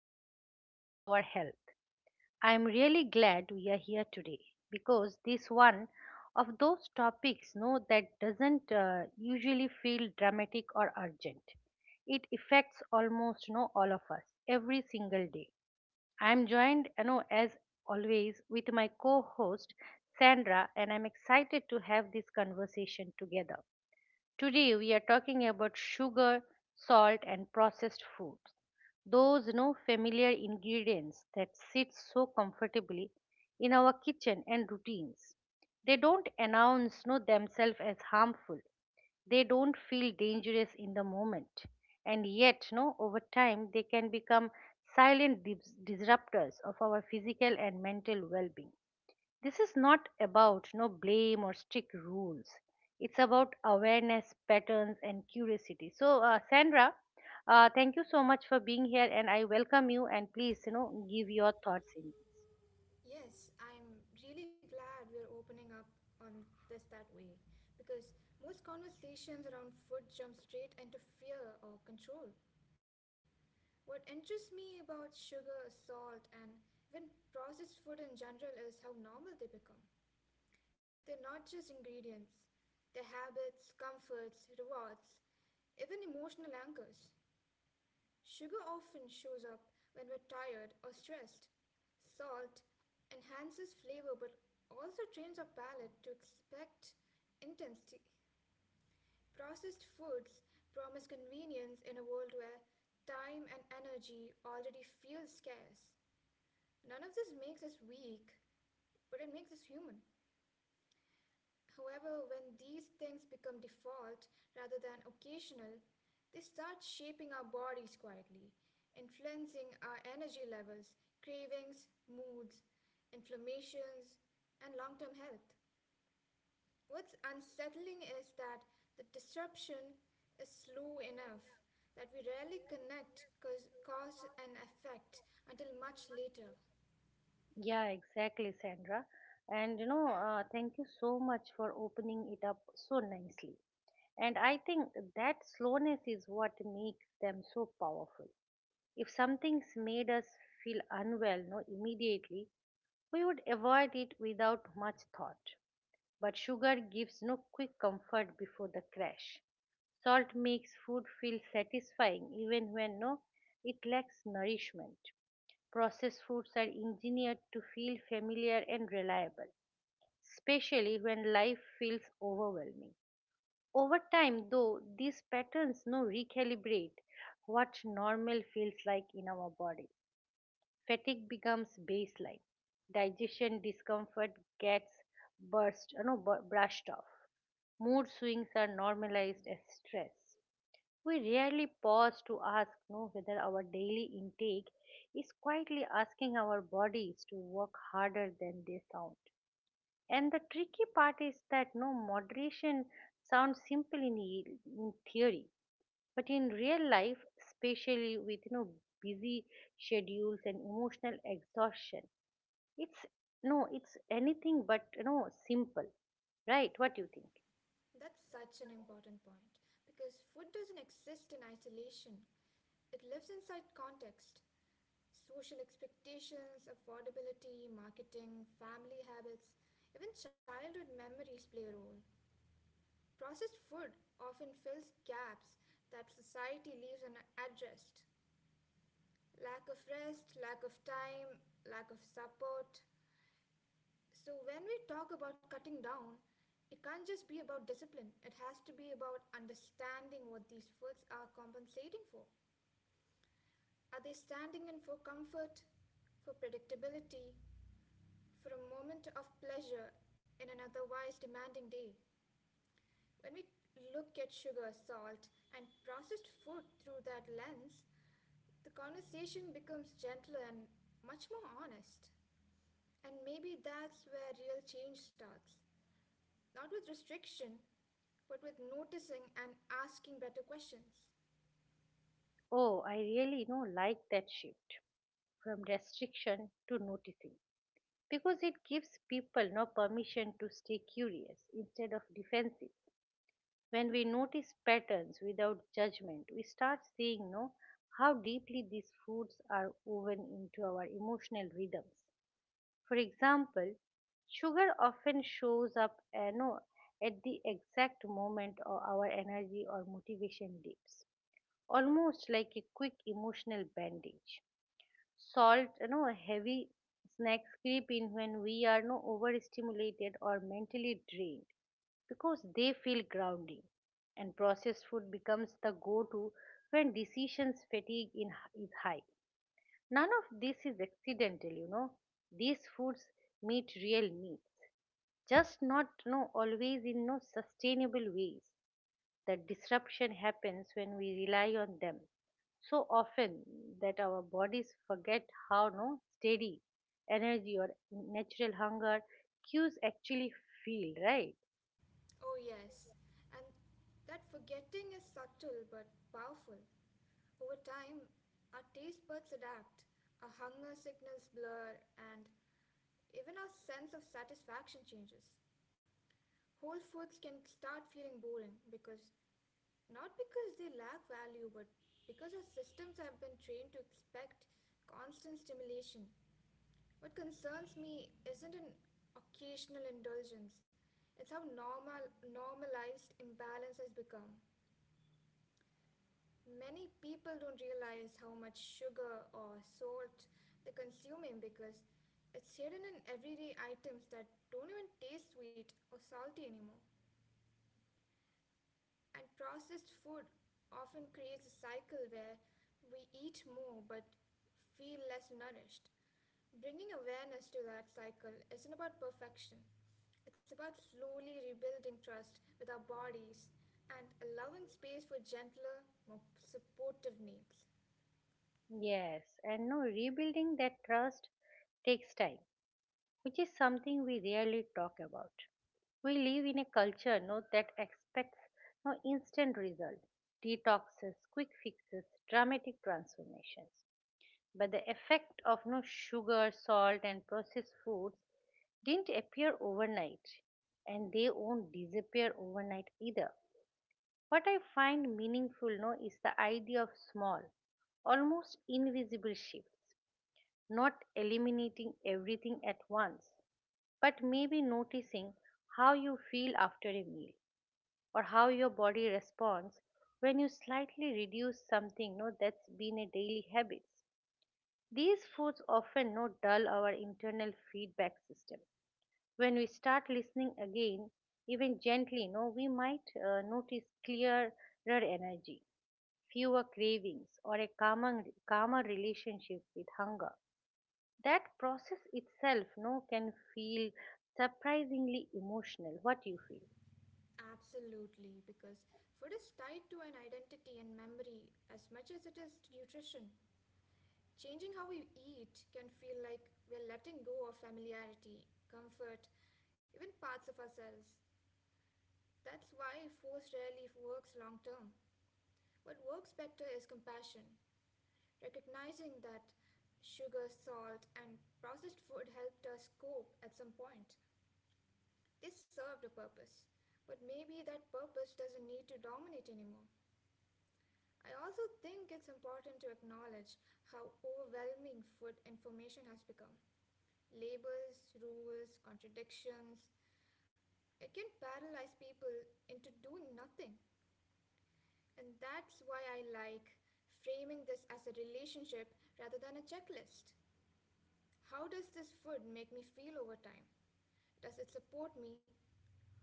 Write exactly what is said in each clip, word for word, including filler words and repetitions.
quietly shape our health. I'm really glad we are here today because this one of those topics, no, that doesn't uh, usually feel dramatic or urgent. It affects almost no all of us every single day. I'm joined, you know, as always, with my co-host Sandra, and I'm excited to have this conversation together. Today we are talking about sugar, salt, and processed foods. Those no familiar ingredients that sit so comfortably in our kitchen and routines. They don't announce no themselves as harmful, they don't feel dangerous in the moment, and yet, no, over time, they can become silent dis- disruptors of our physical and mental well-being. This is not about no blame or strict rules. It's about awareness, patterns, and curiosity. So, uh, Sandra, uh, thank you so much for being here, and I welcome you. And please, you know, give your thoughts in this. Yes, I'm really glad we're opening up on this that way because most conversations around food jump straight into fear or control. What interests me about sugar, salt, and even processed food in general is how normal they become. They're not just ingredients, they're habits, comforts, rewards, even emotional anchors. Sugar often shows up when we're tired or stressed. Salt enhances flavor but also trains our palate to expect intensity. Processed foods promise convenience in a world where time and energy already feel scarce. None of this makes us weak, but it makes us human. However, when these things become default rather than occasional, they start shaping our bodies quietly, influencing our energy levels, cravings, moods, inflammations, and long term health. What's unsettling is that the disruption is slow enough that we rarely connect cause, cause and effect until much later. Yeah, exactly, Sandra. And you know, uh, thank you so much for opening it up so nicely. And I think that slowness is what makes them so powerful. If something's made us feel unwell no, immediately, we would avoid it without much thought. But sugar gives no quick comfort before the crash. Salt makes food feel satisfying even when no it lacks nourishment. Processed foods are engineered to feel familiar and reliable, especially when life feels overwhelming. Over time, though, these patterns now recalibrate what normal feels like in our bodies. Fatigue becomes baseline. Digestion discomfort gets burst, uh, no, bu- brushed off. Mood swings are normalized as stress. We rarely pause to ask no, whether our daily intake is quietly asking our bodies to work harder than they sound. And the tricky part is that no moderation sounds simple in, e- in theory, but in real life, especially with you know busy schedules and emotional exhaustion, it's no, it's anything but you know simple, right? What do you think? That's such an important point because food doesn't exist in isolation. It lives inside context social expectations, affordability, marketing, family habits, even childhood memories play a role. Processed food often fills gaps that society leaves unaddressed lack of rest, lack of time, lack of support. So, when we talk about cutting down, it can't just be about discipline, it has to be about understanding what these foods are compensating for. Are they standing in for comfort, for predictability, for a moment of pleasure in an otherwise demanding day? When we look at sugar, salt, and processed food through that lens, the conversation becomes gentler and much more honest. And maybe that's where real change starts. Not with restriction, but with noticing and asking better questions. Oh, I really you know like that shift from restriction to noticing, because it gives people no permission to stay curious instead of defensive. When we notice patterns without judgment, we start seeing no how deeply these foods are woven into our emotional rhythms. For example, sugar often shows up uh, no, at the exact moment of our energy or motivation dips, almost like a quick emotional bandage. Salt, you know, heavy snacks creep in when we are no overstimulated or mentally drained because they feel grounding. And processed food becomes the go-to when decisions fatigue in, is high. None of this is accidental, you know. These foods meet real needs, just not no always in no sustainable ways. The disruption happens when we rely on them so often that our bodies forget how no steady energy or natural hunger cues actually feel right. Oh, yes. And that forgetting is subtle but powerful. Over time, our taste buds adapt, our hunger signals blur, and even our sense of satisfaction changes. Whole foods can start feeling boring because not because they lack value, but because our systems have been trained to expect constant stimulation. What concerns me isn't an occasional indulgence, it's how normal, normalized imbalance has become. Many people don't realize how much sugar or salt they're consuming because it's hidden in everyday items that don't even taste sweet or salty anymore. And processed food often creates a cycle where we eat more but feel less nourished. Bringing awareness to that cycle isn't about perfection, it's about slowly rebuilding trust with our bodies and allowing space for gentler, more supportive needs. Yes, and no rebuilding that trust takes time, which is something we rarely talk about. We live in a culture no that expects no instant result, detoxes, quick fixes, dramatic transformations. But the effect of no sugar, salt, and processed foods didn't appear overnight, and they won't disappear overnight either. What I find meaningful no, is the idea of small, almost invisible shifts, not eliminating everything at once, but maybe noticing how you feel after a meal or how your body responds when you slightly reduce something no, that's been a daily habit. These foods often not dull our internal feedback system. When we start listening again, even gently, you know, we might uh, notice clearer energy, fewer cravings, or a calmer, calmer relationship with hunger. That process itself you know, can feel surprisingly emotional. What you feel? Absolutely, because food is tied to an identity and memory as much as it is to nutrition. Changing how we eat can feel like we're letting go of familiarity, comfort, even parts of ourselves. That's why force rarely works long term. What works better is compassion, recognizing that sugar, salt, and processed food helped us cope at some point. They served a purpose, but maybe that purpose doesn't need to dominate anymore. I also think it's important to acknowledge how overwhelming food information has become. Labels, rules, contradictions. It can paralyze people into doing nothing. And that's why I like framing this as a relationship rather than a checklist. How does this food make me feel over time? Does it support me,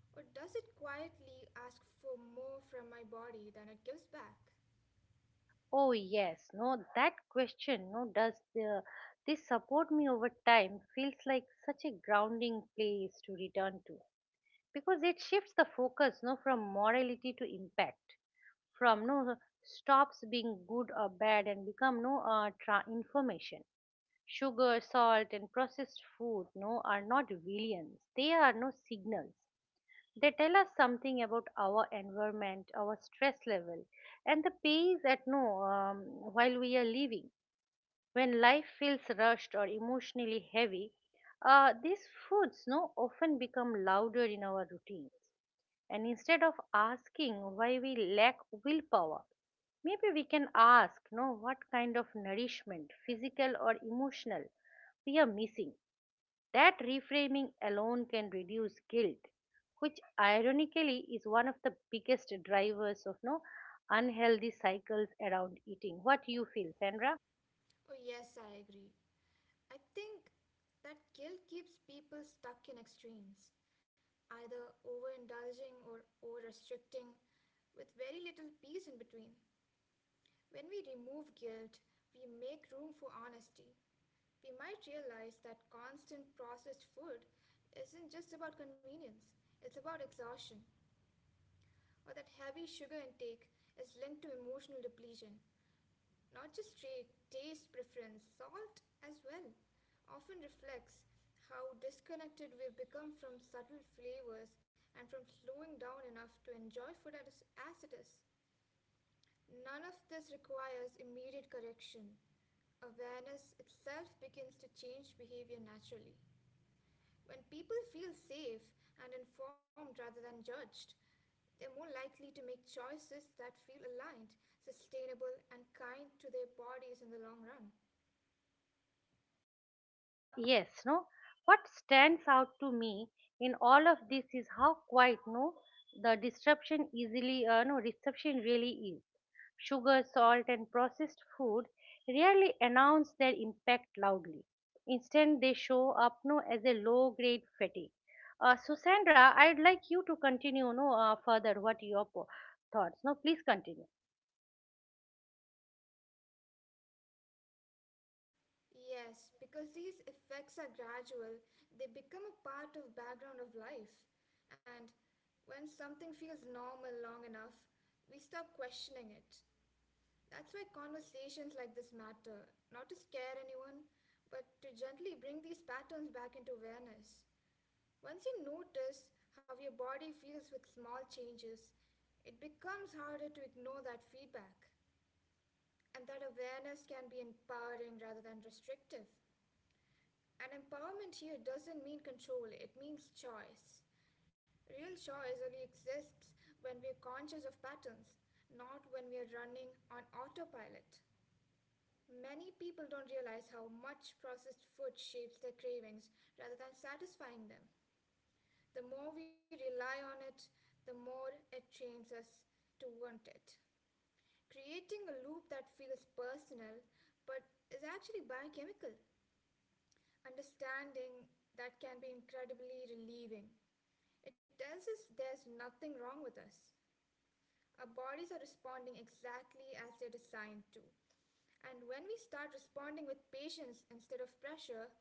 or does it quietly ask for more from my body than it gives back? Oh yes, no, that question, no, does the this support me over time, feels like such a grounding place to return to because it shifts the focus no from morality to impact. From no stops being good or bad and become no uh, tra- information. Sugar, salt, and processed food no are not villains, they are no signals. They tell us something about our environment, our stress level, and the pace at no um, while we are living. When life feels rushed or emotionally heavy, uh, these foods no often become louder in our routines. And instead of asking why we lack willpower, maybe we can ask you know, what kind of nourishment, physical or emotional, we are missing. That reframing alone can reduce guilt, which ironically is one of the biggest drivers of no unhealthy cycles around eating. What do you feel, Sandra? Oh, yes, I agree. I think that guilt keeps people stuck in extremes, either overindulging or over restricting, with very little peace in between. When we remove guilt, we make room for honesty. We might realize that constant processed food isn't just about convenience, it's about exhaustion, or that heavy sugar intake is linked to emotional depletion. Not just trait, taste preference, salt as well, often reflects how disconnected we've become from subtle flavors and from slowing down enough to enjoy food as, as it is. None of this requires immediate correction. Awareness itself begins to change behavior naturally. When people feel safe and informed rather than judged, they're more likely to make choices that feel aligned, sustainable, and kind to their bodies in the long run. Uh, yes, no. What stands out to me in all of this is how quiet, no, the disruption easily, uh, no, disruption really is. Sugar, salt, and processed food rarely announce their impact loudly. Instead, they show up, no, as a low-grade fatigue. Uh, so, Sandra, I'd like you to continue, no, uh, further. What are your po- thoughts? No, please continue. Yes, because these effects are gradual, they become a part of background of life. And when something feels normal long enough, we stop questioning it. That's why conversations like this matter, not to scare anyone, but to gently bring these patterns back into awareness. Once you notice how your body feels with small changes, it becomes harder to ignore that feedback. And that awareness can be empowering rather than restrictive. And empowerment here doesn't mean control, it means choice. Real choice only exists when we're conscious of patterns, not when we're running on autopilot. Many people don't realize how much processed food shapes their cravings rather than satisfying them. The more we rely on it, the more it trains us to want it. Creating a loop that feels personal but is actually biochemical understanding that can be incredibly relieving. It tells us there's nothing wrong with us. Our bodies are responding exactly as they're designed to. And when we start responding with patience instead of pressure,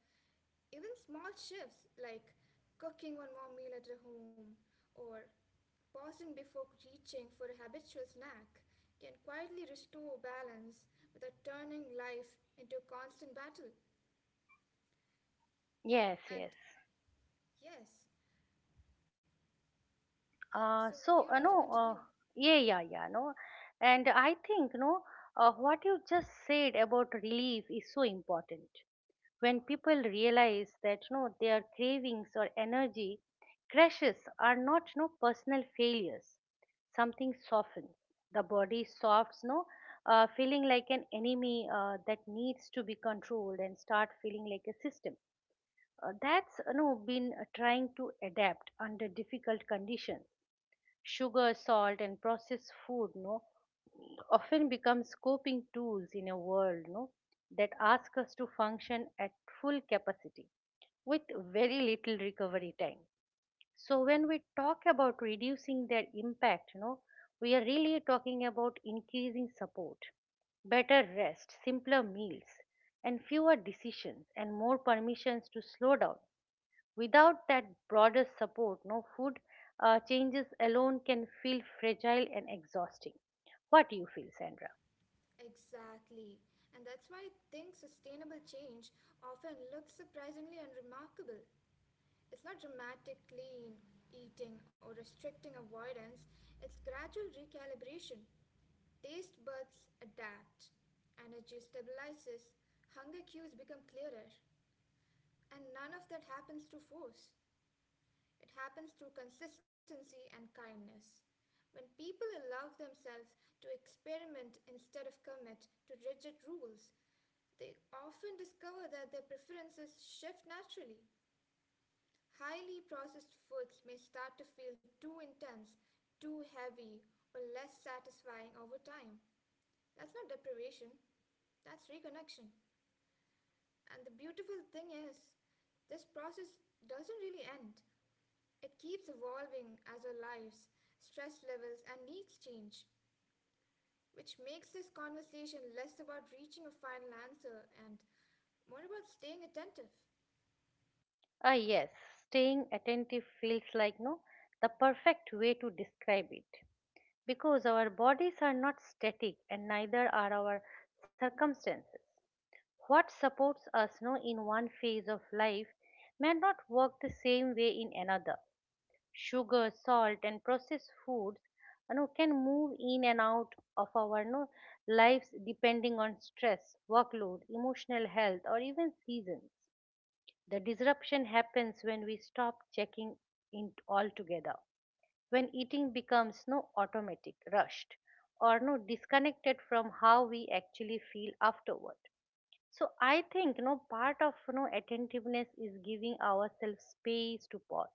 even small shifts like cooking one more meal at a home or pausing before reaching for a habitual snack can quietly restore balance without turning life into a constant battle. Yes, And yes. yes, so, Uh, would you So like uh, to no, uh, continue? yeah, yeah, yeah, no, and I think no, uh, what you just said about relief is so important. When people realize that no, their cravings or energy crashes are not no personal failures, something softens. The body softs, no, uh, feeling like an enemy uh, that needs to be controlled, and start feeling like a system. Uh, that's you know been uh, trying to adapt under difficult conditions. Sugar, salt, and processed food, no, often becomes coping tools in a world, no, that ask us to function at full capacity with very little recovery time. So when we talk about reducing their impact, no, we are really talking about increasing support, better rest, simpler meals, and fewer decisions and more permissions to slow down. Without that broader support, no food uh, changes alone can feel fragile and exhausting. What do you feel, Sandra? Exactly. And that's why I think sustainable change often looks surprisingly unremarkable. It's not dramatic clean eating or restricting avoidance, it's gradual recalibration. Taste buds adapt, energy stabilizes, hunger cues become clearer, and none of that happens through force. It happens through consistency and kindness. When people allow themselves to experiment instead of commit to rigid rules, they often discover that their preferences shift naturally. Highly processed foods may start to feel too intense, too heavy, or less satisfying over time. That's not deprivation, that's reconnection. And the beautiful thing is, this process doesn't really end. It keeps evolving as our lives, stress levels, and needs change, which makes this conversation less about reaching a final answer and more about staying attentive. Ah, yes, staying attentive feels like no the perfect way to describe it because our bodies are not static, and neither are our circumstances. What supports us no in one phase of life may not work the same way in another. Sugar, salt, and processed foods you know, can move in and out of our you know, lives depending on stress, workload, emotional health, or even seasons. The disruption happens when we stop checking in altogether, when eating becomes no automatic, rushed, or no disconnected from how we actually feel afterward. So I think no part of no attentiveness is giving ourselves space to pause,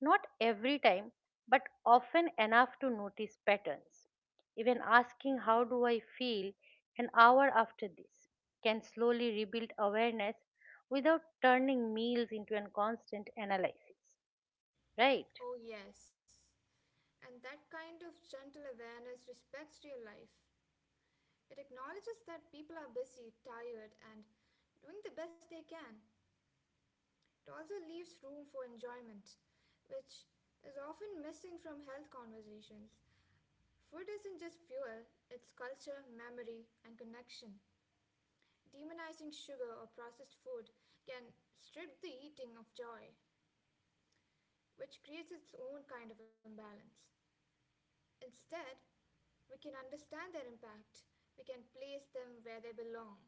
not every time, but often enough to notice patterns. Even asking, how do I feel an hour after this, can slowly rebuild awareness without turning meals into a constant analysis. Right? Oh, yes. And that kind of gentle awareness respects real life. It acknowledges that people are busy, tired, and doing the best they can. It also leaves room for enjoyment, which is often missing from health conversations. Food isn't just fuel, it's culture, memory, and connection. Demonizing sugar or processed food can strip the eating of joy, which creates its own kind of imbalance. Instead, we can understand their impact. We can place them where they belong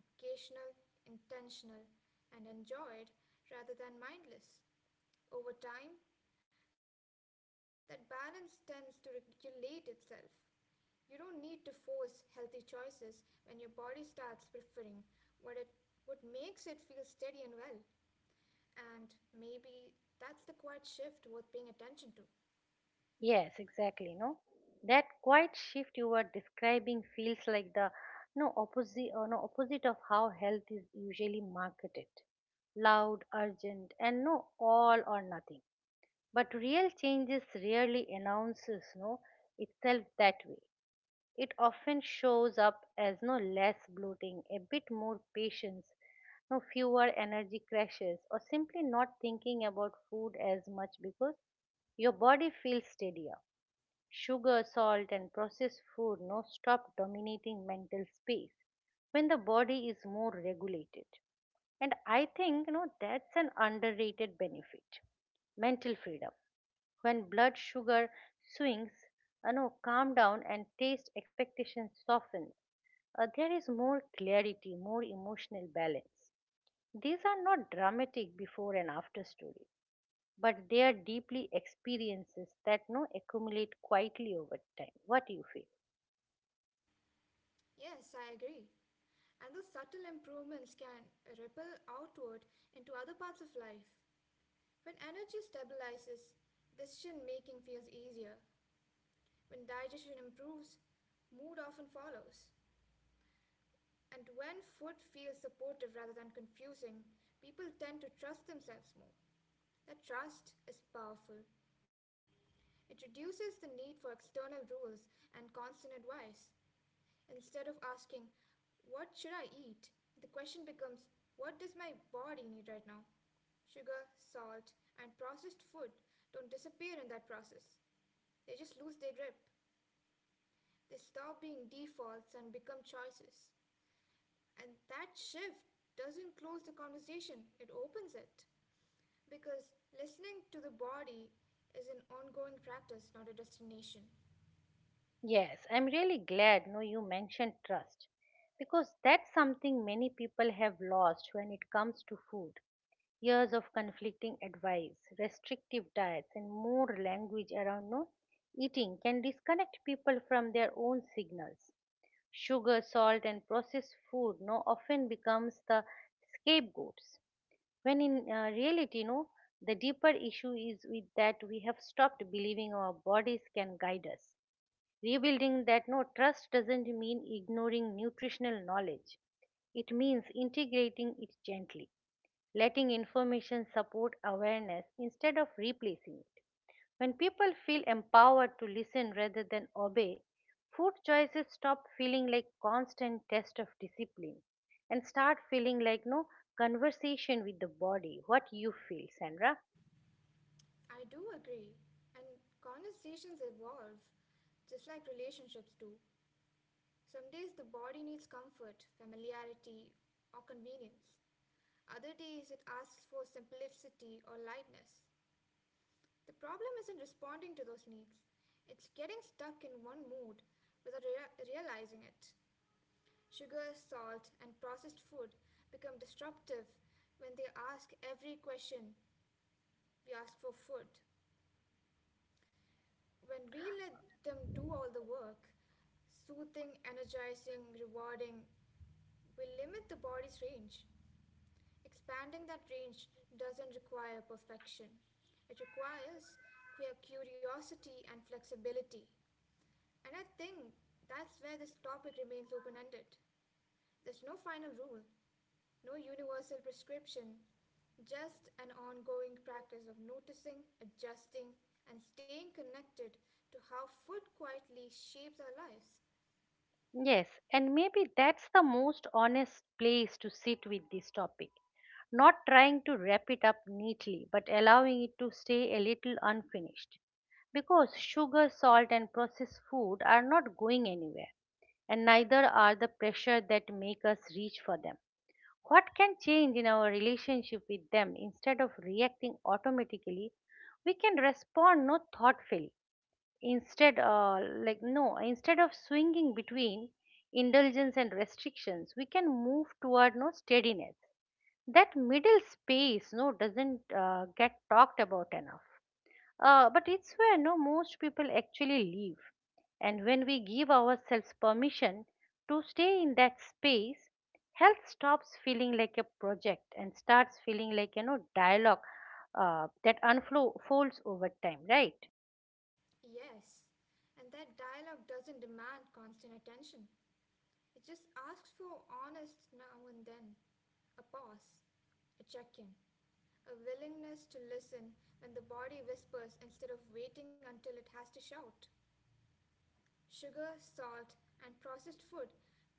occasional, intentional, and enjoyed rather than mindless. Over time, that balance tends to regulate itself. You don't need to force healthy choices when your body starts preferring what it what makes it feel steady and well. And maybe that's the quiet shift worth paying attention to. Yes, exactly. No, that quiet shift you were describing feels like the no opposite or no opposite of how health is usually marketed, loud, urgent, and no all or nothing. But real changes rarely announces no itself that way. It often shows up as no less bloating, a bit more patience, no fewer energy crashes, or simply not thinking about food as much because your body feels steadier. Sugar, salt, and processed food no stop dominating mental space when the body is more regulated. And I think you know that's an underrated benefit, mental freedom. When blood sugar swings, uh, no, calm down and taste expectations soften. Uh, there is more clarity, more emotional balance. These are not dramatic before and after stories, but they are deeply experiences that no accumulate quietly over time. What do you feel? Yes, I agree. And those subtle improvements can ripple outward into other parts of life. When energy stabilizes, decision making feels easier. When digestion improves, mood often follows. And when food feels supportive rather than confusing, people tend to trust themselves more. That trust is powerful. It reduces the need for external rules and constant advice. Instead of asking, what should I eat? The question becomes, what does my body need right now? Sugar, salt, and processed food don't disappear in that process. They just lose their grip. They stop being defaults and become choices. And that shift doesn't close the conversation, it opens it. Because listening to the body is an ongoing practice, not a destination. Yes, I'm really glad no you mentioned trust because that's something many people have lost when it comes to food. Years of conflicting advice, restrictive diets, and more language around no eating can disconnect people from their own signals. Sugar, salt, and processed food no often becomes the scapegoats. When in uh, reality, no, the deeper issue is with that we have stopped believing our bodies can guide us. Rebuilding that no trust doesn't mean ignoring nutritional knowledge. It means integrating it gently, letting information support awareness instead of replacing it. When people feel empowered to listen rather than obey, food choices stop feeling like constant test of discipline and start feeling like no conversation with the body. What you feel, Sandra? I do agree. And conversations evolve, just like relationships do. Some days the body needs comfort, familiarity, or convenience. Other days it asks for simplicity or lightness. The problem isn't responding to those needs, it's getting stuck in one mood without rea- realizing it. Sugar, salt, and processed food become disruptive when they ask every question we ask for food. When we let them do all the work, soothing, energizing, rewarding, we limit the body's range. Expanding that range doesn't require perfection, it requires cu- curiosity and flexibility. And I think that's where this topic remains open ended. There's no final rule, no universal prescription, just an ongoing practice of noticing, adjusting, and staying connected to how food quietly shapes our lives. Yes, and maybe that's the most honest place to sit with this topic. Not trying to wrap it up neatly, but allowing it to stay a little unfinished. Because sugar, salt, and processed food are not going anywhere, and neither are the pressure that make us reach for them. What can change in our relationship with them instead of reacting automatically? We can respond no thoughtfully, instead uh, like no instead of swinging between indulgence and restrictions. We can move toward no steadiness. That middle space no doesn't uh, get talked about enough, uh, but it's where no most people actually live. And when we give ourselves permission to stay in that space, health stops feeling like a project and starts feeling like you know dialogue uh, that unfolds over time, right? Yes, and that dialogue doesn't demand constant attention. It just asks for honest now and then, a pause, a check in, a willingness to listen when the body whispers instead of waiting until it has to shout. Sugar, salt, and processed food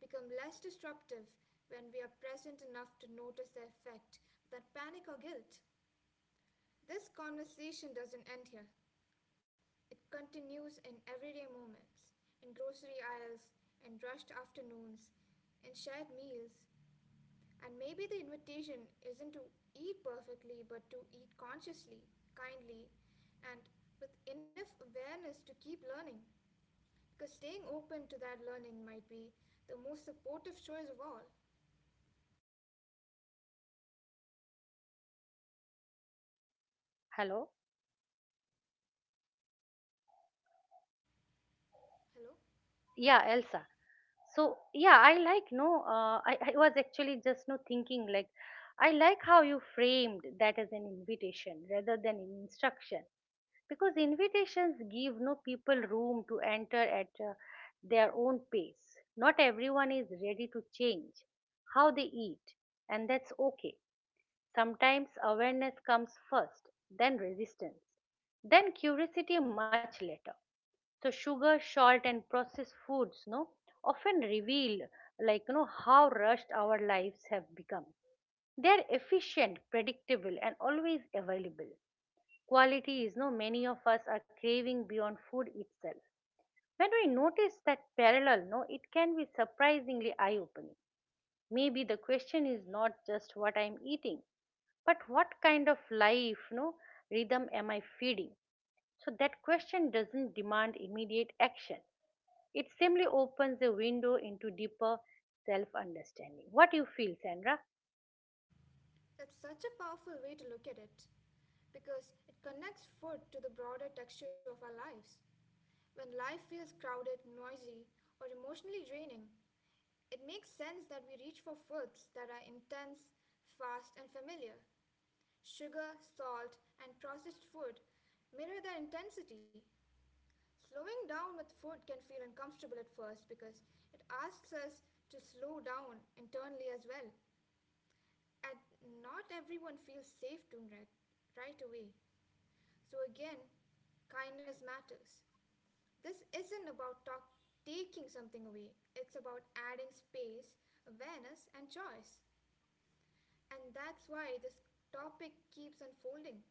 become less disruptive when we are present enough to notice the effect without panic or guilt. This conversation doesn't end here. It continues in everyday moments, in grocery aisles, in rushed afternoons, in shared meals, and maybe the invitation isn't to eat perfectly, but to eat consciously, kindly, and with enough awareness to keep learning. Because staying open to that learning might be the most supportive choice of all. Hello. Hello? Yeah, Elsa. So yeah, I like no. Uh, I I was actually just no thinking, like, I like how you framed that as an invitation rather than an instruction, because invitations give no people room to enter at uh, their own pace. Not everyone is ready to change how they eat, and that's okay. Sometimes awareness comes first, then resistance, then curiosity much later. So sugar, salt, and processed foods no often reveal, like, you know how rushed our lives have become. They are efficient, predictable, and always available. Quality is no many of us are craving beyond food itself. When we notice that parallel, no it can be surprisingly eye opening. Maybe the question is not just what I'm eating, but what kind of life no rhythm am I feeding. So that question doesn't demand immediate action. It simply opens a window into deeper self understanding. What you feel, Sandra? That's such a powerful way to look at it because it connects food to the broader texture of our lives. When life feels crowded, noisy, or emotionally draining, it makes sense that we reach for foods that are intense, fast, and familiar. Sugar, salt, and processed food mirror their intensity. Slowing down with food can feel uncomfortable at first because it asks us to slow down internally as well. And not everyone feels safe doing it right away. So again, kindness matters. This isn't about talk- taking something away, it's about adding space, awareness, and choice. And that's why this topic keeps unfolding.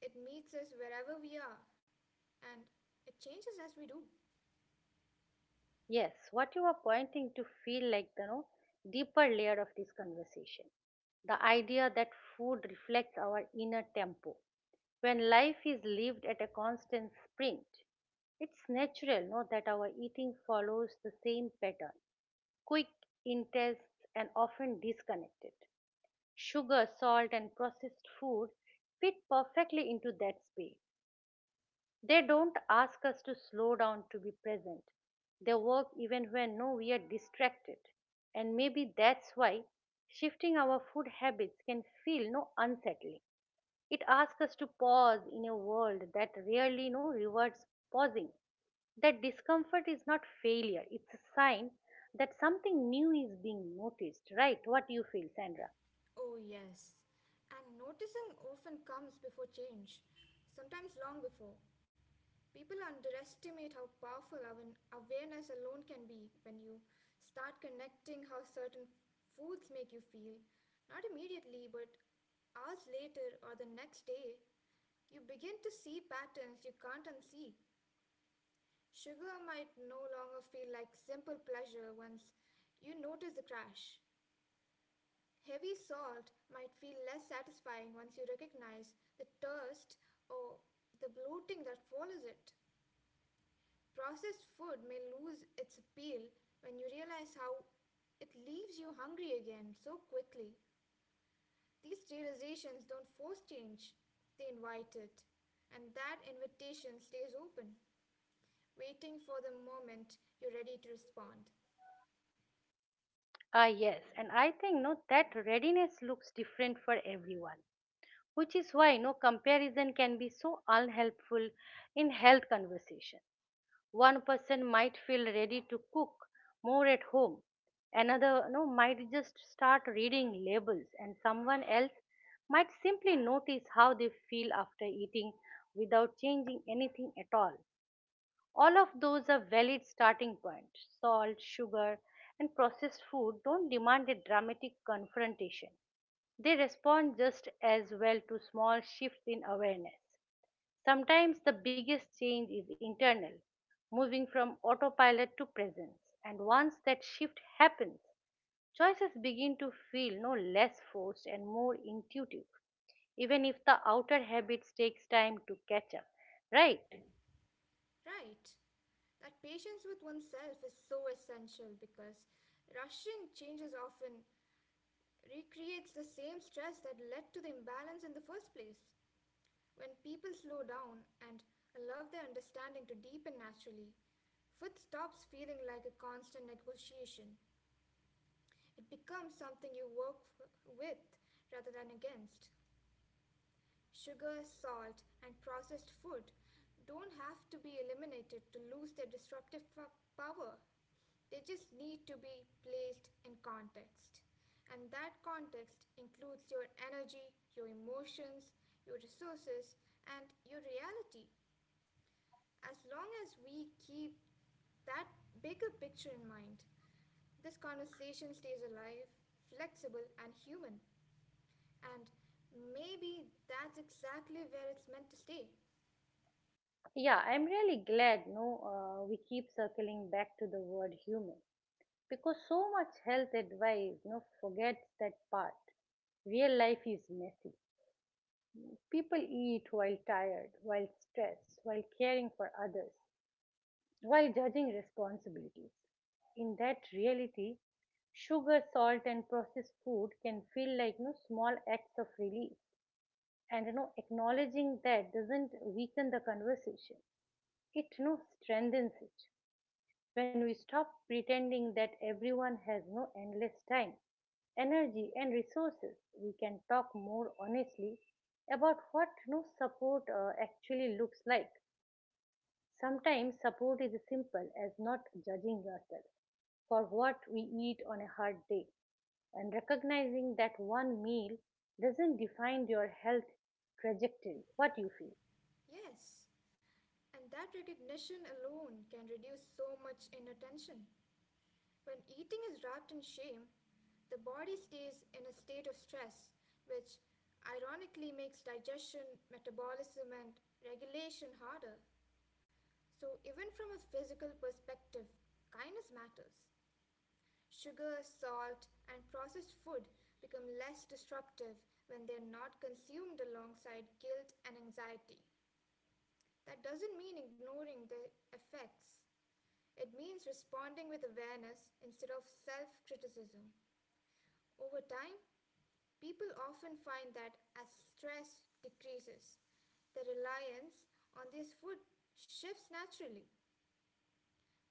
It meets us wherever we are, and it changes as we do. Yes, what you are pointing to feel like the no, deeper layer of this conversation. The idea that food reflects our inner tempo. When life is lived at a constant sprint, it's natural, no, that our eating follows the same pattern, quick, intense, and often disconnected. Sugar, salt, and processed food fit perfectly into that space. They don't ask us to slow down to be present. They work even when, no, we are distracted. And maybe that's why shifting our food habits can feel no unsettling. It asks us to pause in a world that rarely no rewards pausing. That discomfort is not failure, it's a sign that something new is being noticed, right? What do you feel, Sandra? Oh, yes. And noticing often comes before change, sometimes long before. People underestimate how powerful our awareness alone can be when you start connecting how certain foods make you feel, not immediately, but hours later or the next day. You begin to see patterns you can't unsee. Sugar might no longer feel like simple pleasure once you notice the crash. Heavy salt might feel less satisfying once you recognize the thirst or the bloating that follows it. Processed food may lose its appeal when you realize how it leaves you hungry again so quickly. These realizations don't force change, they invite it. And that invitation stays open, waiting for the moment you're ready to respond. Ah, yes, and I think no that readiness looks different for everyone, which is why no comparison can be so unhelpful in health conversation. One person might feel ready to cook more at home, another no might just start reading labels, and someone else might simply notice how they feel after eating without changing anything at all. All of those are valid starting points. Salt, sugar, and processed food don't demand a dramatic confrontation. They respond just as well to small shifts in awareness. Sometimes the biggest change is internal, moving from autopilot to presence, and once that shift happens, choices begin to feel no less forced and more intuitive, even if the outer habits takes time to catch up, right? Right. That patience with oneself is so essential because rushing changes often recreates the same stress that led to the imbalance in the first place. When people slow down and allow their understanding to deepen naturally, food stops feeling like a constant negotiation. It becomes something you work f- with rather than against. Sugar, salt, and processed food don't have to be eliminated to lose their disruptive po- power. They just need to be placed in context. And that context includes your energy, your emotions, your resources, and your reality. As long as we keep that bigger picture in mind, this conversation stays alive, flexible, and human. And maybe that's exactly where it's meant to stay. Yeah, I'm really glad no uh, we keep circling back to the word human, because so much health advice no forgets that part. Real life is messy. People eat while tired, while stressed, while caring for others, while judging responsibilities. In that reality, sugar, salt and processed food can feel like no small acts of relief, and you know acknowledging that doesn't weaken the conversation. It no strengthens it. When we stop pretending that everyone has no endless time, energy, and resources, we can talk more honestly about what no support uh, actually looks like. Sometimes support is as simple as not judging yourself for what we eat on a hard day, and recognizing that one meal doesn't define your health trajectory. What you feel? Yes. And that recognition alone can reduce so much inner tension. When eating is wrapped in shame, the body stays in a state of stress, which ironically makes digestion, metabolism, and regulation harder. So, even from a physical perspective, kindness matters. Sugar, salt, and processed food become less disruptive when they're not consumed alongside guilt and anxiety. That doesn't mean ignoring the effects, it means responding with awareness instead of self criticism. Over time, people often find that as stress decreases, their reliance on this food shifts naturally,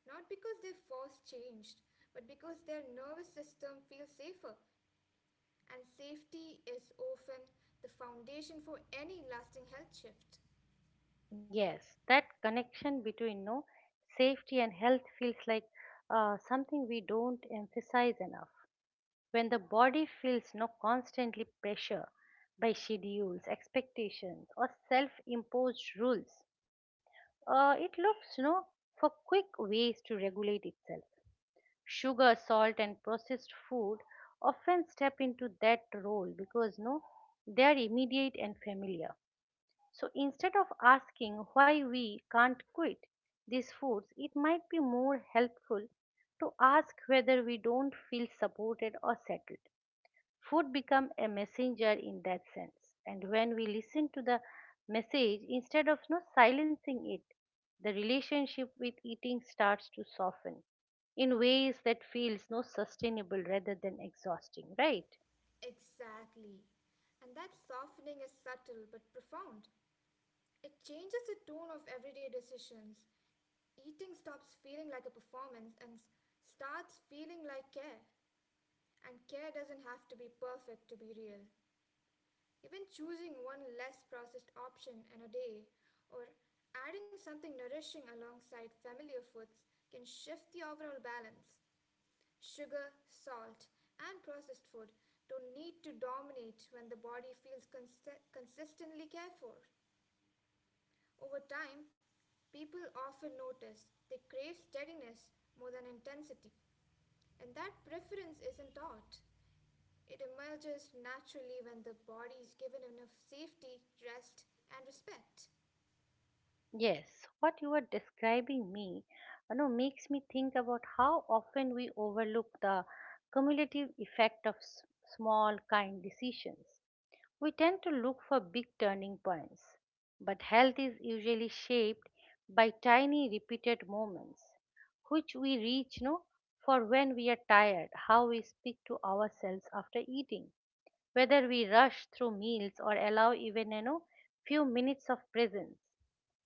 not because they force changed, but because their nervous system feels safer and safety is often the foundation for any lasting health shift. Yes, that connection between no safety and health feels like uh, something we don't emphasize enough. When the body feels no constantly pressure by schedules, expectations, or self-imposed rules, uh, it looks no for quick ways to regulate itself. Sugar, salt, and processed food often step into that role, because no they are immediate and familiar. So instead of asking why we can't quit these foods, it might be more helpful to ask whether we don't feel supported or settled. Food become a messenger in that sense. And when we listen to the message instead of no silencing it, the relationship with eating starts to soften in ways that feels no sustainable rather than exhausting, right? Exactly. And that softening is subtle but profound. It changes the tone of everyday decisions. Eating stops feeling like a performance and s- starts feeling like care. And care doesn't have to be perfect to be real. Even choosing one less processed option in a day or adding something nourishing alongside familiar foods can shift the overall balance. Sugar, salt, and processed food don't need to dominate when the body feels consi- consistently cared for. Over time, people often notice they crave steadiness more than intensity, and that preference isn't taught. It emerges naturally when the body is given enough safety, rest, and respect. Yes, what you are describing me, you know, makes me think about how often we overlook the cumulative effect of s- small kind decisions. We tend to look for big turning points, but health is usually shaped by tiny repeated moments, which we reach, no, for when we are tired, how we speak to ourselves after eating, whether we rush through meals or allow even, you know, few minutes of presence.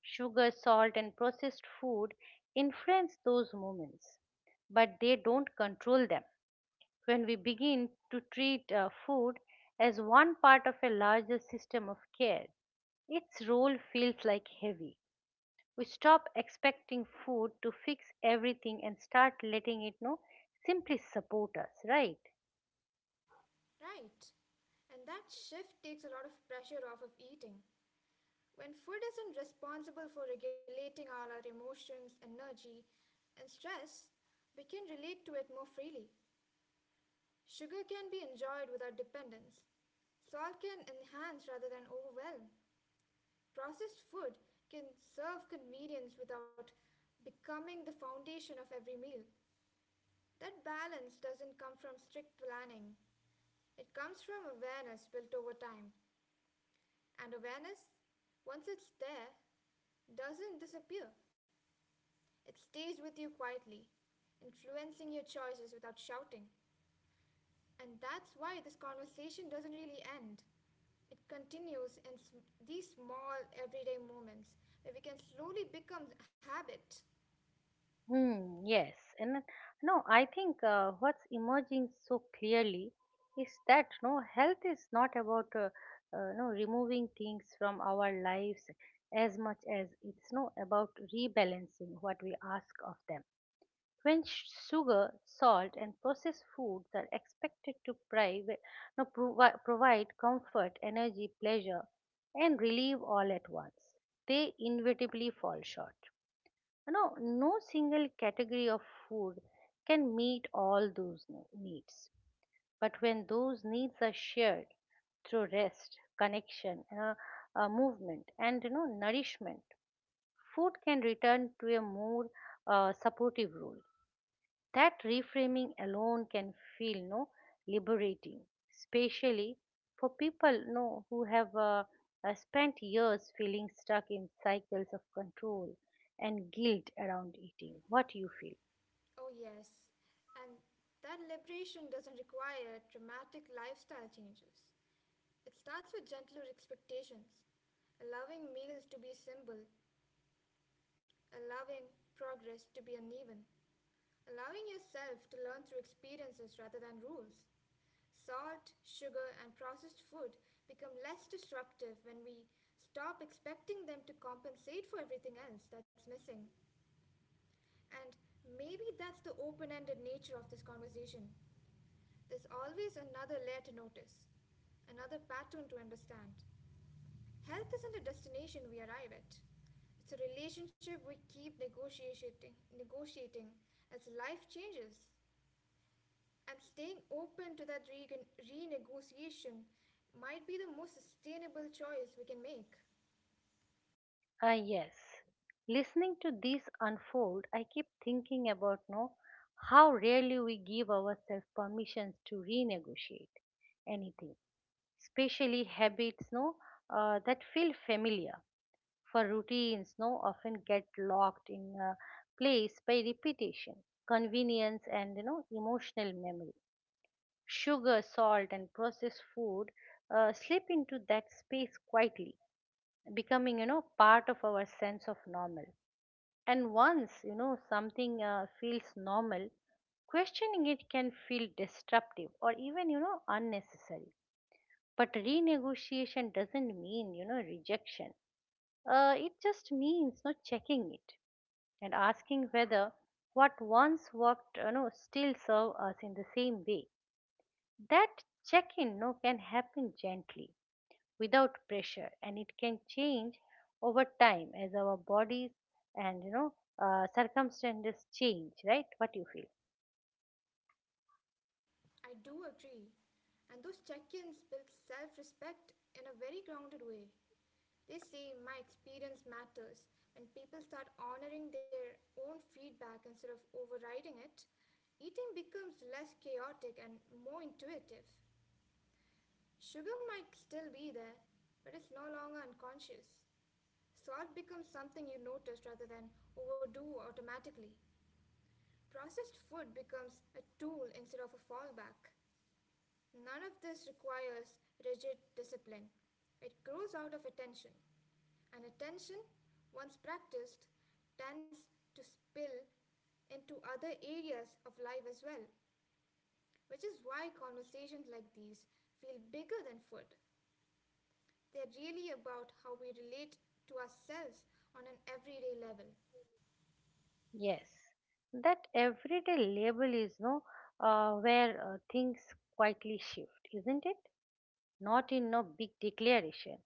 Sugar, salt, and processed food influence those moments, but they don't control them. When we begin to treat uh, food as one part of a larger system of care, its role feels like heavy. We stop expecting food to fix everything and start letting it know simply support us, right? Right. And that shift takes a lot of pressure off of eating. When food isn't responsible for regulating all our emotions, energy, and stress, we can relate to it more freely. Sugar can be enjoyed without dependence. Salt can enhance rather than overwhelm. Processed food can serve convenience without becoming the foundation of every meal. That balance doesn't come from strict planning, it comes from awareness built over time. And awareness, once it's there, doesn't disappear. It stays with you quietly, influencing your choices without shouting. And that's why this conversation doesn't really end. It continues in sm- these small everyday moments where we can slowly become habit. Hmm, yes. And no, I think, uh, what's emerging so clearly is that no health is not about uh, uh, no removing things from our lives, as much as it's no about rebalancing what we ask of them. When sh- sugar, salt, and processed foods are expected to prive, no, provi- provide comfort, energy, pleasure, and relief all at once, they inevitably fall short. no, No single category of food can meet all those ne- needs. But when those needs are shared through rest, connection, and a, a movement, and you know nourishment, food can return to a more uh, supportive role. That reframing alone can feel no liberating, especially for people no who have uh, uh, spent years feeling stuck in cycles of control and guilt around eating. What do you feel? Oh, yes. And that liberation doesn't require dramatic lifestyle changes. It starts with gentler expectations, allowing meals to be simple, allowing progress to be uneven, allowing yourself to learn through experiences rather than rules. Salt, sugar, and processed food become less destructive when we stop expecting them to compensate for everything else that's missing. And maybe that's the open ended nature of this conversation. There's always another layer to notice, another pattern to understand. Health isn't a destination we arrive at. It's a relationship we keep negotiating, negotiating as life changes. And staying open to that re renegotiation might be the most sustainable choice we can make. Ah, yes. Listening to this unfold, I keep thinking about no how rarely we give ourselves permissions to renegotiate anything, especially habits no uh, that feel familiar. For routines now often get locked in uh, place by repetition, convenience, and you know emotional memory. Sugar, salt, and processed food uh, slip into that space quietly, becoming you know part of our sense of normal. And once you know something uh, feels normal, questioning it can feel disruptive or even you know unnecessary. But renegotiation doesn't mean you know rejection. Uh, it just means not checking it, and asking whether what once worked, you know, still serve us in the same way. That check-in no, can happen gently without pressure, and it can change over time as our bodies and you know uh, circumstances change, right? What you feel? I do agree. And those check ins build self respect in a very grounded way. They say my experience matters, and people start honoring their own feedback instead of overriding it. Eating becomes less chaotic and more intuitive. Sugar might still be there, but it's no longer unconscious. Salt becomes something you notice rather than overdo automatically. Processed food becomes a tool instead of a fallback. None of this requires rigid discipline. It grows out of attention. And attention, once practiced, tends to spill into other areas of life as well, which is why conversations like these feel bigger than food. They're really about how we relate to ourselves on an everyday level. Yes, that everyday label is no uh, where uh, things quietly shift, isn't it? Not in no big declaration,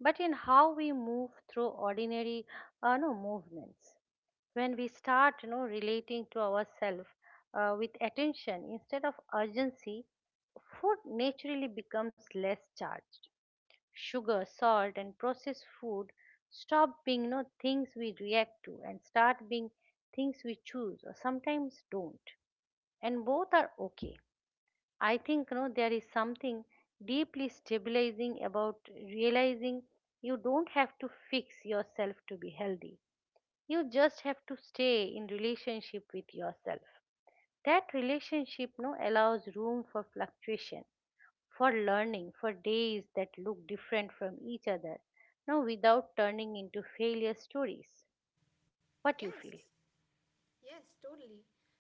but in how we move through ordinary uh, no, movements. When we start you know, relating to ourselves uh, with attention instead of urgency, food naturally becomes less charged. Sugar, salt, and processed food stop being you know, things we react to and start being things we choose or sometimes don't. And both are okay. I think, no, there is something deeply stabilizing about realizing you don't have to fix yourself to be healthy. You just have to stay in relationship with yourself. That relationship no allows room for fluctuation, for learning, for days that look different from each other, no without turning into failure stories. What you Yes, feel? yes, totally.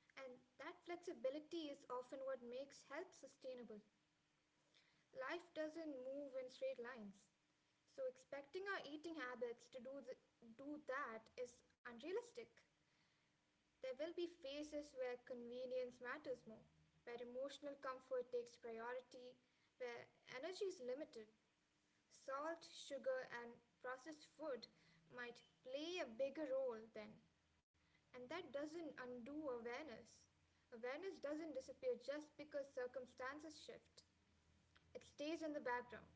And that flexibility is often what makes health sustainable. Life doesn't move in straight lines, so expecting our eating habits to do, th- do that is unrealistic. There will be phases where convenience matters more, where emotional comfort takes priority, where energy is limited. Salt, sugar, and processed food might play a bigger role then, and that doesn't undo awareness. Awareness doesn't disappear just because circumstances shift. It stays in the background,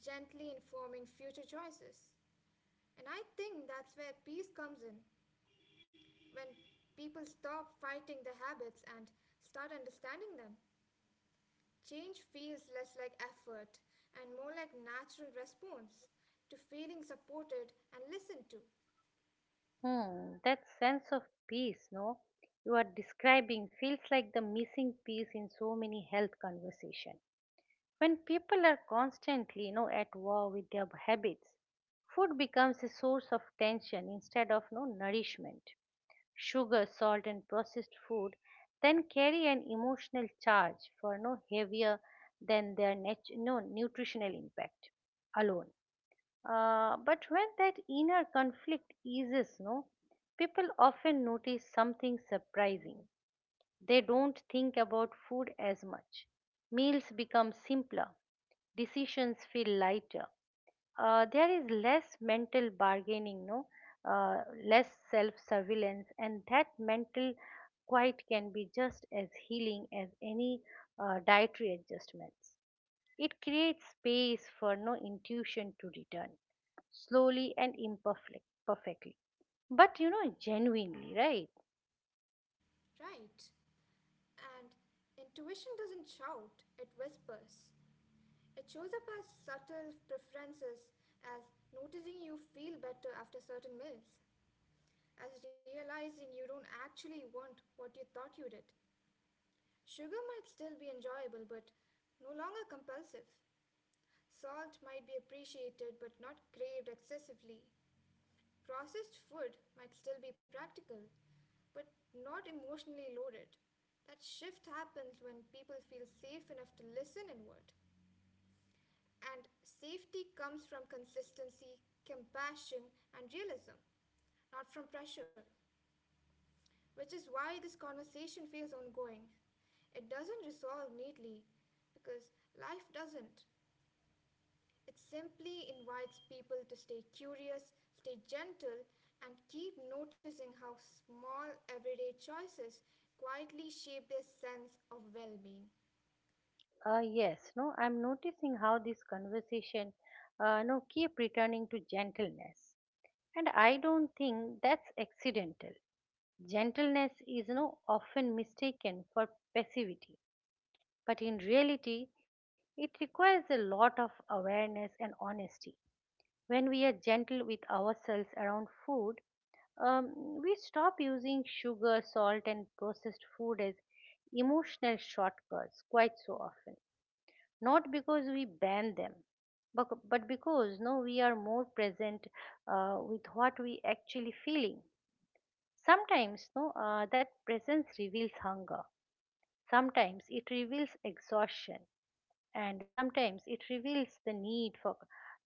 gently informing future choices. And I think that's where peace comes in, when people stop fighting their habits and start understanding them. Change feels less like effort and more like natural response to feeling supported and listened to, Hmm, that sense of peace, no, you are describing feels like the missing piece in so many health conversations. When people are constantly, you know, at war with their habits, food becomes a source of tension instead of no nourishment. Sugar, salt, and processed food then carry an emotional charge for no heavier than their nat- no nutritional impact alone. Uh, but when that inner conflict eases, no, people often notice something surprising. They don't think about food as much. Meals become simpler. Decisions feel lighter. Uh, there is less mental bargaining, no, uh, less self-surveillance, and that mental quiet can be just as healing as any uh, dietary adjustments. It creates space for no intuition to return slowly and imperfect perfectly, but you know genuinely, right? right? And intuition doesn't shout, it whispers. It shows up as subtle preferences, as noticing you feel better after certain meals, as realizing you don't actually want what you thought you did. Sugar might still be enjoyable, but no longer compulsive. Salt might be appreciated, but not craved excessively. Processed food might still be practical, but not emotionally loaded. That shift happens when people feel safe enough to listen inward. And safety comes from consistency, compassion, and realism, not from pressure, which is why this conversation feels ongoing. It doesn't resolve neatly because life doesn't. It simply invites people to stay curious, stay gentle, and keep noticing how small everyday choices quietly shape their sense of well being. Uh, yes, no I'm noticing how this conversation uh, no keep returning to gentleness, and I don't think that's accidental. Gentleness is no often mistaken for passivity, but in reality it requires a lot of awareness and honesty. When we are gentle with ourselves around food, Um, we stop using sugar, salt, and processed food as emotional shortcuts quite so often. Not because we ban them, but, but because no, we are more present uh, with what we actually feeling. Sometimes no, uh, that presence reveals hunger. Sometimes it reveals exhaustion, and sometimes it reveals the need for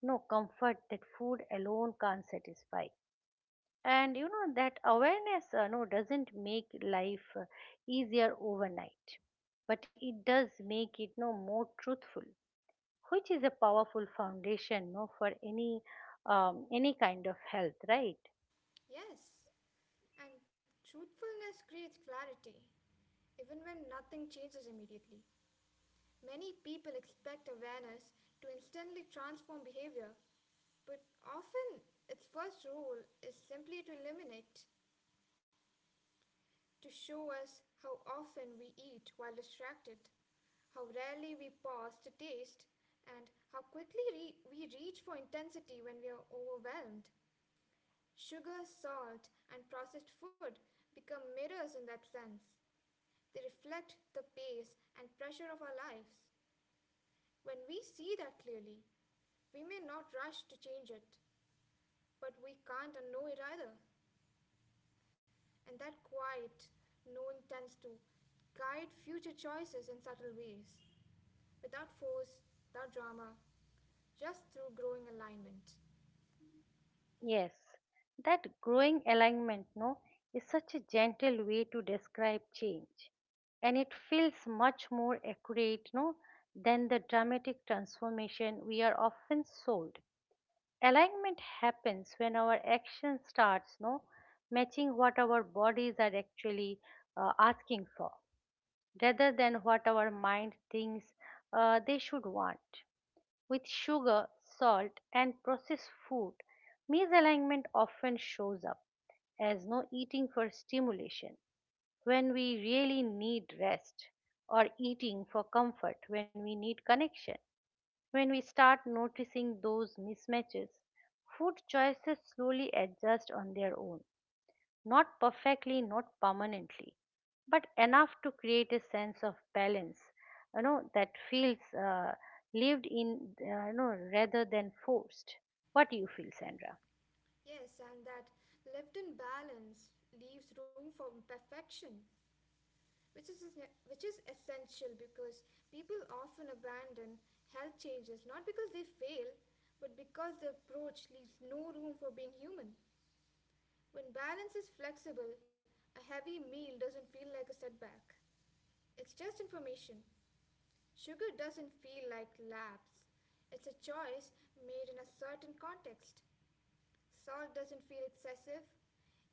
no comfort that food alone can't satisfy. And you know that awareness uh, no doesn't make life uh, easier overnight, but it does make it no more truthful, which is a powerful foundation no for any um, any kind of health, right? Yes, and truthfulness creates clarity, even when nothing changes immediately. Many people expect awareness to instantly transform behavior, but often its first role is simply to eliminate, to show us how often we eat while distracted, how rarely we pause to taste, and how quickly re- we reach for intensity when we are overwhelmed. Sugar, salt, and processed food become mirrors in that sense. They reflect the pace and pressure of our lives. When we see that clearly, we may not rush to change it, but we can't unknow it either. And that quiet knowing tends to guide future choices in subtle ways, without force, without drama, just through growing alignment. Yes, that growing alignment no is such a gentle way to describe change, and it feels much more accurate no than the dramatic transformation we are often sold. Alignment happens when our action starts no matching what our bodies are actually uh, asking for, rather than what our mind thinks uh, they should want. With sugar, salt, and processed food, misalignment often shows up as no eating for stimulation when we really need rest, or eating for comfort when we need connection. When we start noticing those mismatches, food choices slowly adjust on their own. Not perfectly, not permanently, but enough to create a sense of balance, you know, that feels uh, lived in, uh, you know, rather than forced. What do you feel, Sandra? Yes, and that lived in balance leaves room for imperfection, which is which is essential because people often abandon health changes not because they fail, but because the approach leaves no room for being human. When balance is flexible, a heavy meal doesn't feel like a setback. It's just information. Sugar doesn't feel like lapse. It's a choice made in a certain context. Salt doesn't feel excessive.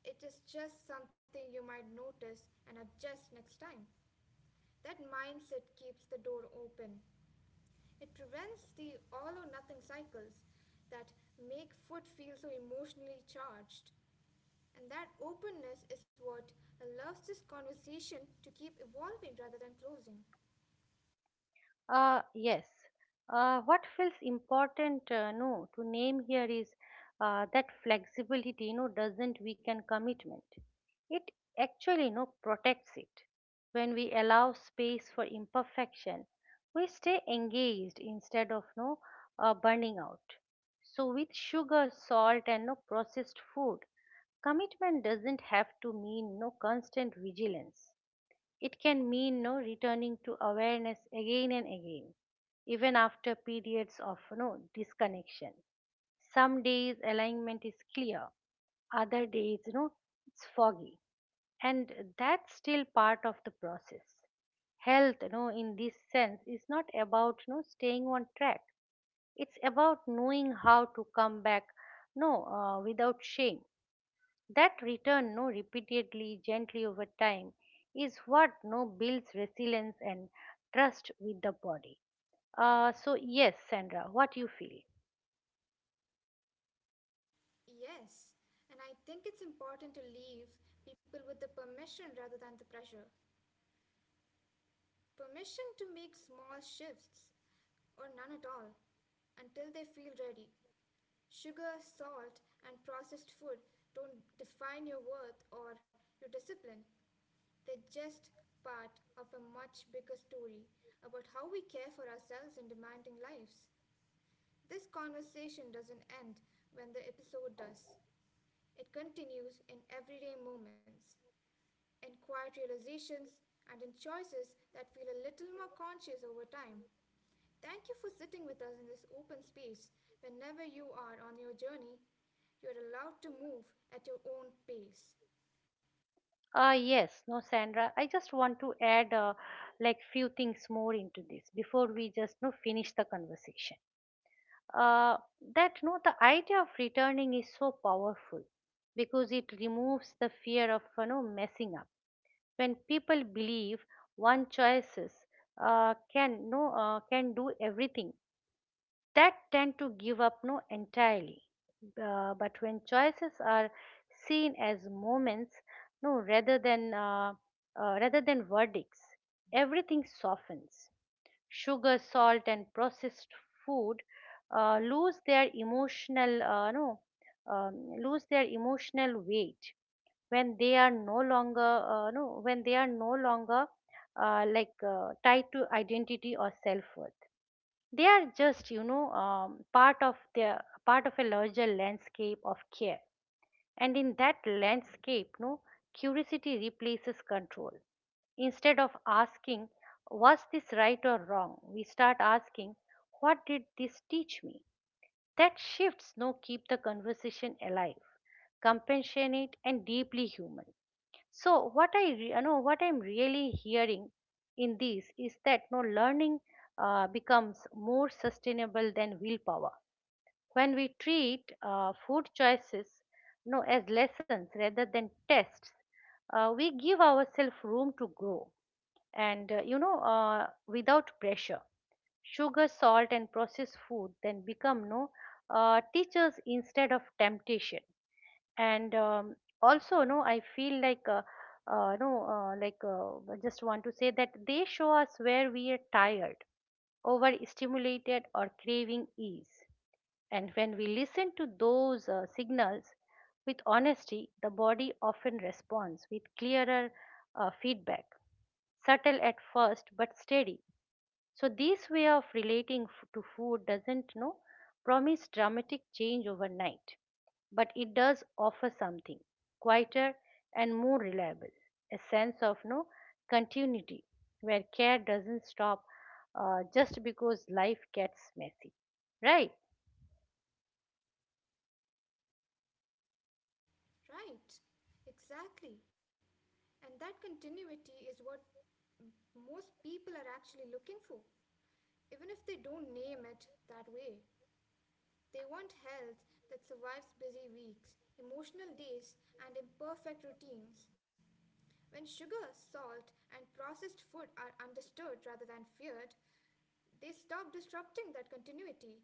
It is just something you might notice and adjust next time. That mindset keeps the door open. It prevents the all or nothing cycles that make food feel so emotionally charged. And that openness is what allows this conversation to keep evolving rather than closing. Uh, yes. Uh, what feels important, uh, no, to name here is uh, that flexibility, you know, doesn't weaken commitment. It actually, you know, protects it. When we allow space for imperfection, we stay engaged instead of, no, uh, burning out. So with sugar, salt, and no processed food, commitment doesn't have to mean no constant vigilance. It can mean no returning to awareness again and again, even after periods of no disconnection. Some days alignment is clear, other days you know it's foggy, and that's still part of the process. Health, you know, in this sense, is not about you know staying on track. It's about knowing how to come back, no, uh, without shame. That return no, repeatedly, gently over time, is what no builds resilience and trust with the body. Uh, so yes, Sandra, what you feel? Yes, and I think it's important to leave people with the permission rather than the pressure. Permission to make small shifts, or none at all, until they feel ready. Sugar, salt, and processed food don't define your worth or your discipline. They're just part of a much bigger story about how we care for ourselves in demanding lives. This conversation doesn't end when the episode does. It continues in everyday moments, in quiet realizations, and in choices that feel a little more conscious over time. Thank you for sitting with us in this open space. Whenever you are on your journey, you're allowed to move at your own pace. Uh, yes, no, Sandra. I just want to add uh, like few things more into this before we just no finish the conversation. Uh, that no, the idea of returning is so powerful because it removes the fear of you know messing up. When people believe one choices uh, can no uh, can do everything, that tend to give up no entirely. Uh, but when choices are seen as moments, no, rather than uh, uh, rather than verdicts, everything softens. Sugar, salt, and processed food uh, lose their emotional uh, no um, lose their emotional weight when they are no longer uh, no when they are no longer uh, like uh, tied to identity or self-worth. They are just you know um, part of their part of a larger landscape of care. And in that landscape, no, curiosity replaces control. Instead of asking was this right or wrong, we start asking what did this teach me. That shifts no keep the conversation alive, compassionate and deeply human. So what I re- you know what I'm really hearing in this is that no learning uh, becomes more sustainable than willpower, when we treat uh, food choices no as lessons rather than tests. Uh, we give ourselves room to grow and uh, you know uh, without pressure. Sugar, salt, and processed food then become no uh, teachers instead of temptation. And um, also, no, I feel like uh, uh, no uh, like uh, I just want to say that they show us where we are tired, overstimulated, or craving ease. And when we listen to those uh, signals with honesty, the body often responds with clearer uh, feedback, subtle at first but steady. So this way of relating f- to food doesn't you know promise dramatic change overnight, but it does offer something quieter and more reliable, a sense of no continuity, where care doesn't stop uh, just because life gets messy, right? Right? Exactly. And that continuity is what m- most people are actually looking for, even if they don't name it that way. They want health that survives busy weeks, emotional days, and imperfect routines. When sugar, salt, and processed food are understood rather than feared, they stop disrupting that continuity.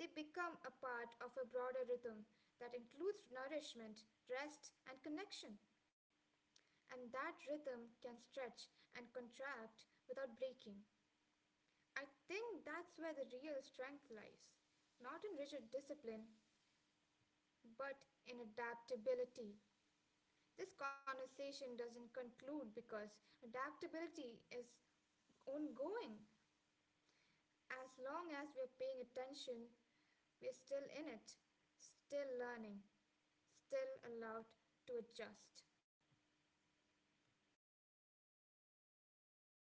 They become a part of a broader rhythm that includes nourishment, rest, and connection. And that rhythm can stretch and contract without breaking. I think that's where the real strength lies, not in rigid discipline, but in adaptability. This conversation doesn't conclude because adaptability is ongoing. As long as we're paying attention, we're still in it, still learning, still allowed to adjust.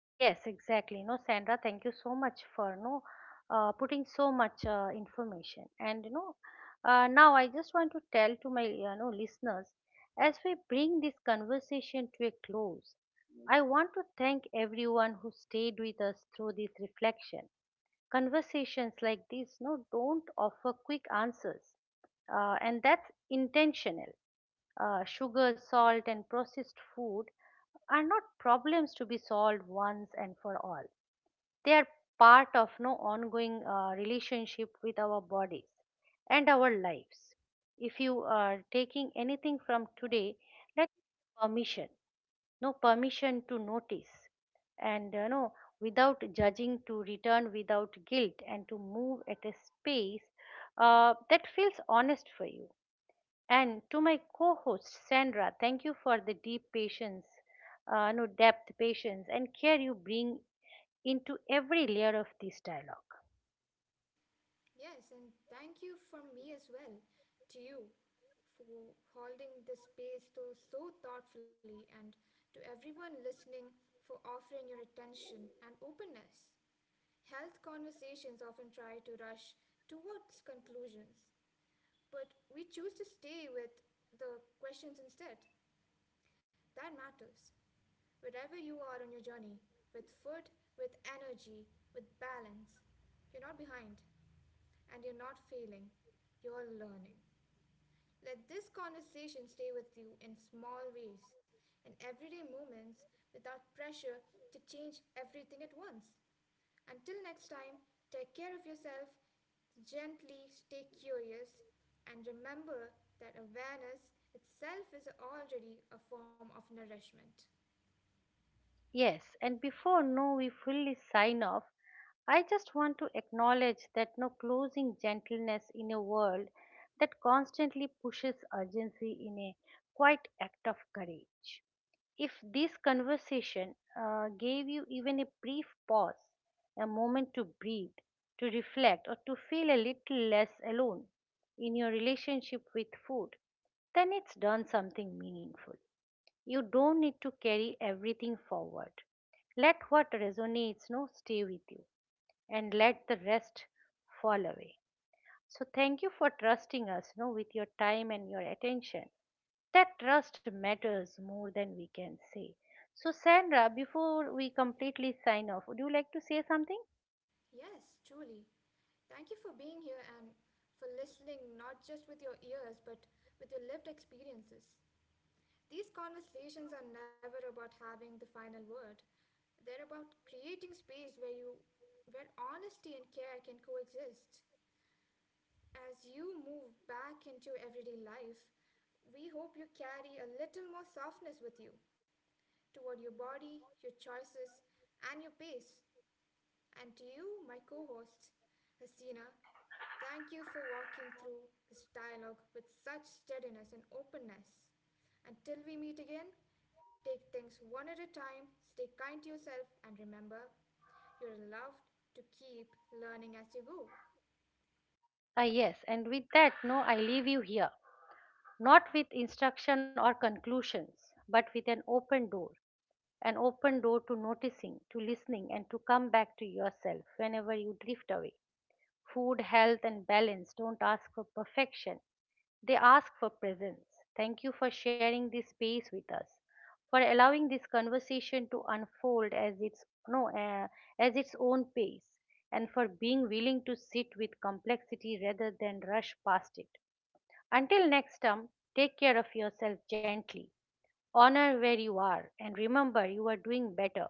Yes, exactly. No, Sandra, thank you so much for no uh, putting so much uh, information. And you know, uh, now I just want to tell to my you know listeners, as we bring this conversation to a close, I want to thank everyone who stayed with us through this reflection. Conversations like these, no, don't offer quick answers, uh, and that's intentional. Uh, sugar, salt, and processed food are not problems to be solved once and for all. They are part of no ongoing uh, relationship with our bodies and our lives. If you are taking anything from today, let it be permission, no, permission to notice and, you know without judging, to return without guilt, and to move at a space uh, that feels honest for you. And to my co-host Sandra, thank you for the deep patience, uh, no, depth patience and care you bring into every layer of this dialogue. Yes, and thank you from me as well to you for holding this space so, so thoughtfully, and to everyone listening for offering your attention and openness. Health conversations often try to rush towards conclusions, but we choose to stay with the questions instead. That matters. Wherever you are on your journey, with food, with energy, with balance, you're not behind and you're not failing, you're learning. Let this conversation stay with you in small ways, in everyday moments, without pressure to change everything at once. Until next time, take care of yourself, gently stay curious, and remember that awareness itself is already a form of nourishment. Yes, and before, no, we fully sign off, I just want to acknowledge that no closing gentleness in a world that constantly pushes urgency in a quite act of courage. If this conversation uh, gave you even a brief pause, a moment to breathe, to reflect, or to feel a little less alone in your relationship with food, then it's done something meaningful. You don't need to carry everything forward. Let what resonates no stay with you, and let the rest fall away. So thank you for trusting us no with your time and your attention. That trust matters more than we can say. So Sandra, before we completely sign off, would you like to say something? Yes, truly. Thank you for being here and for listening not just with your ears but with your lived experiences. These conversations are never about having the final word. They're about creating space where you where honesty and care can coexist. As you move back into everyday life, we hope you carry a little more softness with you toward your body, your choices, and your pace, and to you, my co host Hasina. Thank you for walking through this dialogue with such steadiness and openness. Until we meet again, take things one at a time, stay kind to yourself, and remember, you're loved to keep learning as you go. Ah, yes, and with that, no, I leave you here, not with instruction or conclusions, but with an open door, an open door to noticing, to listening, and to come back to yourself whenever you drift away. Food, health, and balance don't ask for perfection, they ask for presence. Thank you for sharing this space with us, for allowing this conversation to unfold as its no uh, as its own pace, and for being willing to sit with complexity rather than rush past it. Until next time, take care of yourself gently. Honor where you are and remember you are doing better.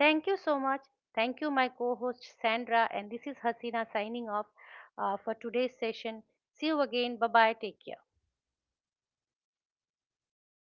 Thank you so much. Thank you, my co host Sandra. And this is Hasina signing off uh, for today's session. See you again. Bye bye. Take care.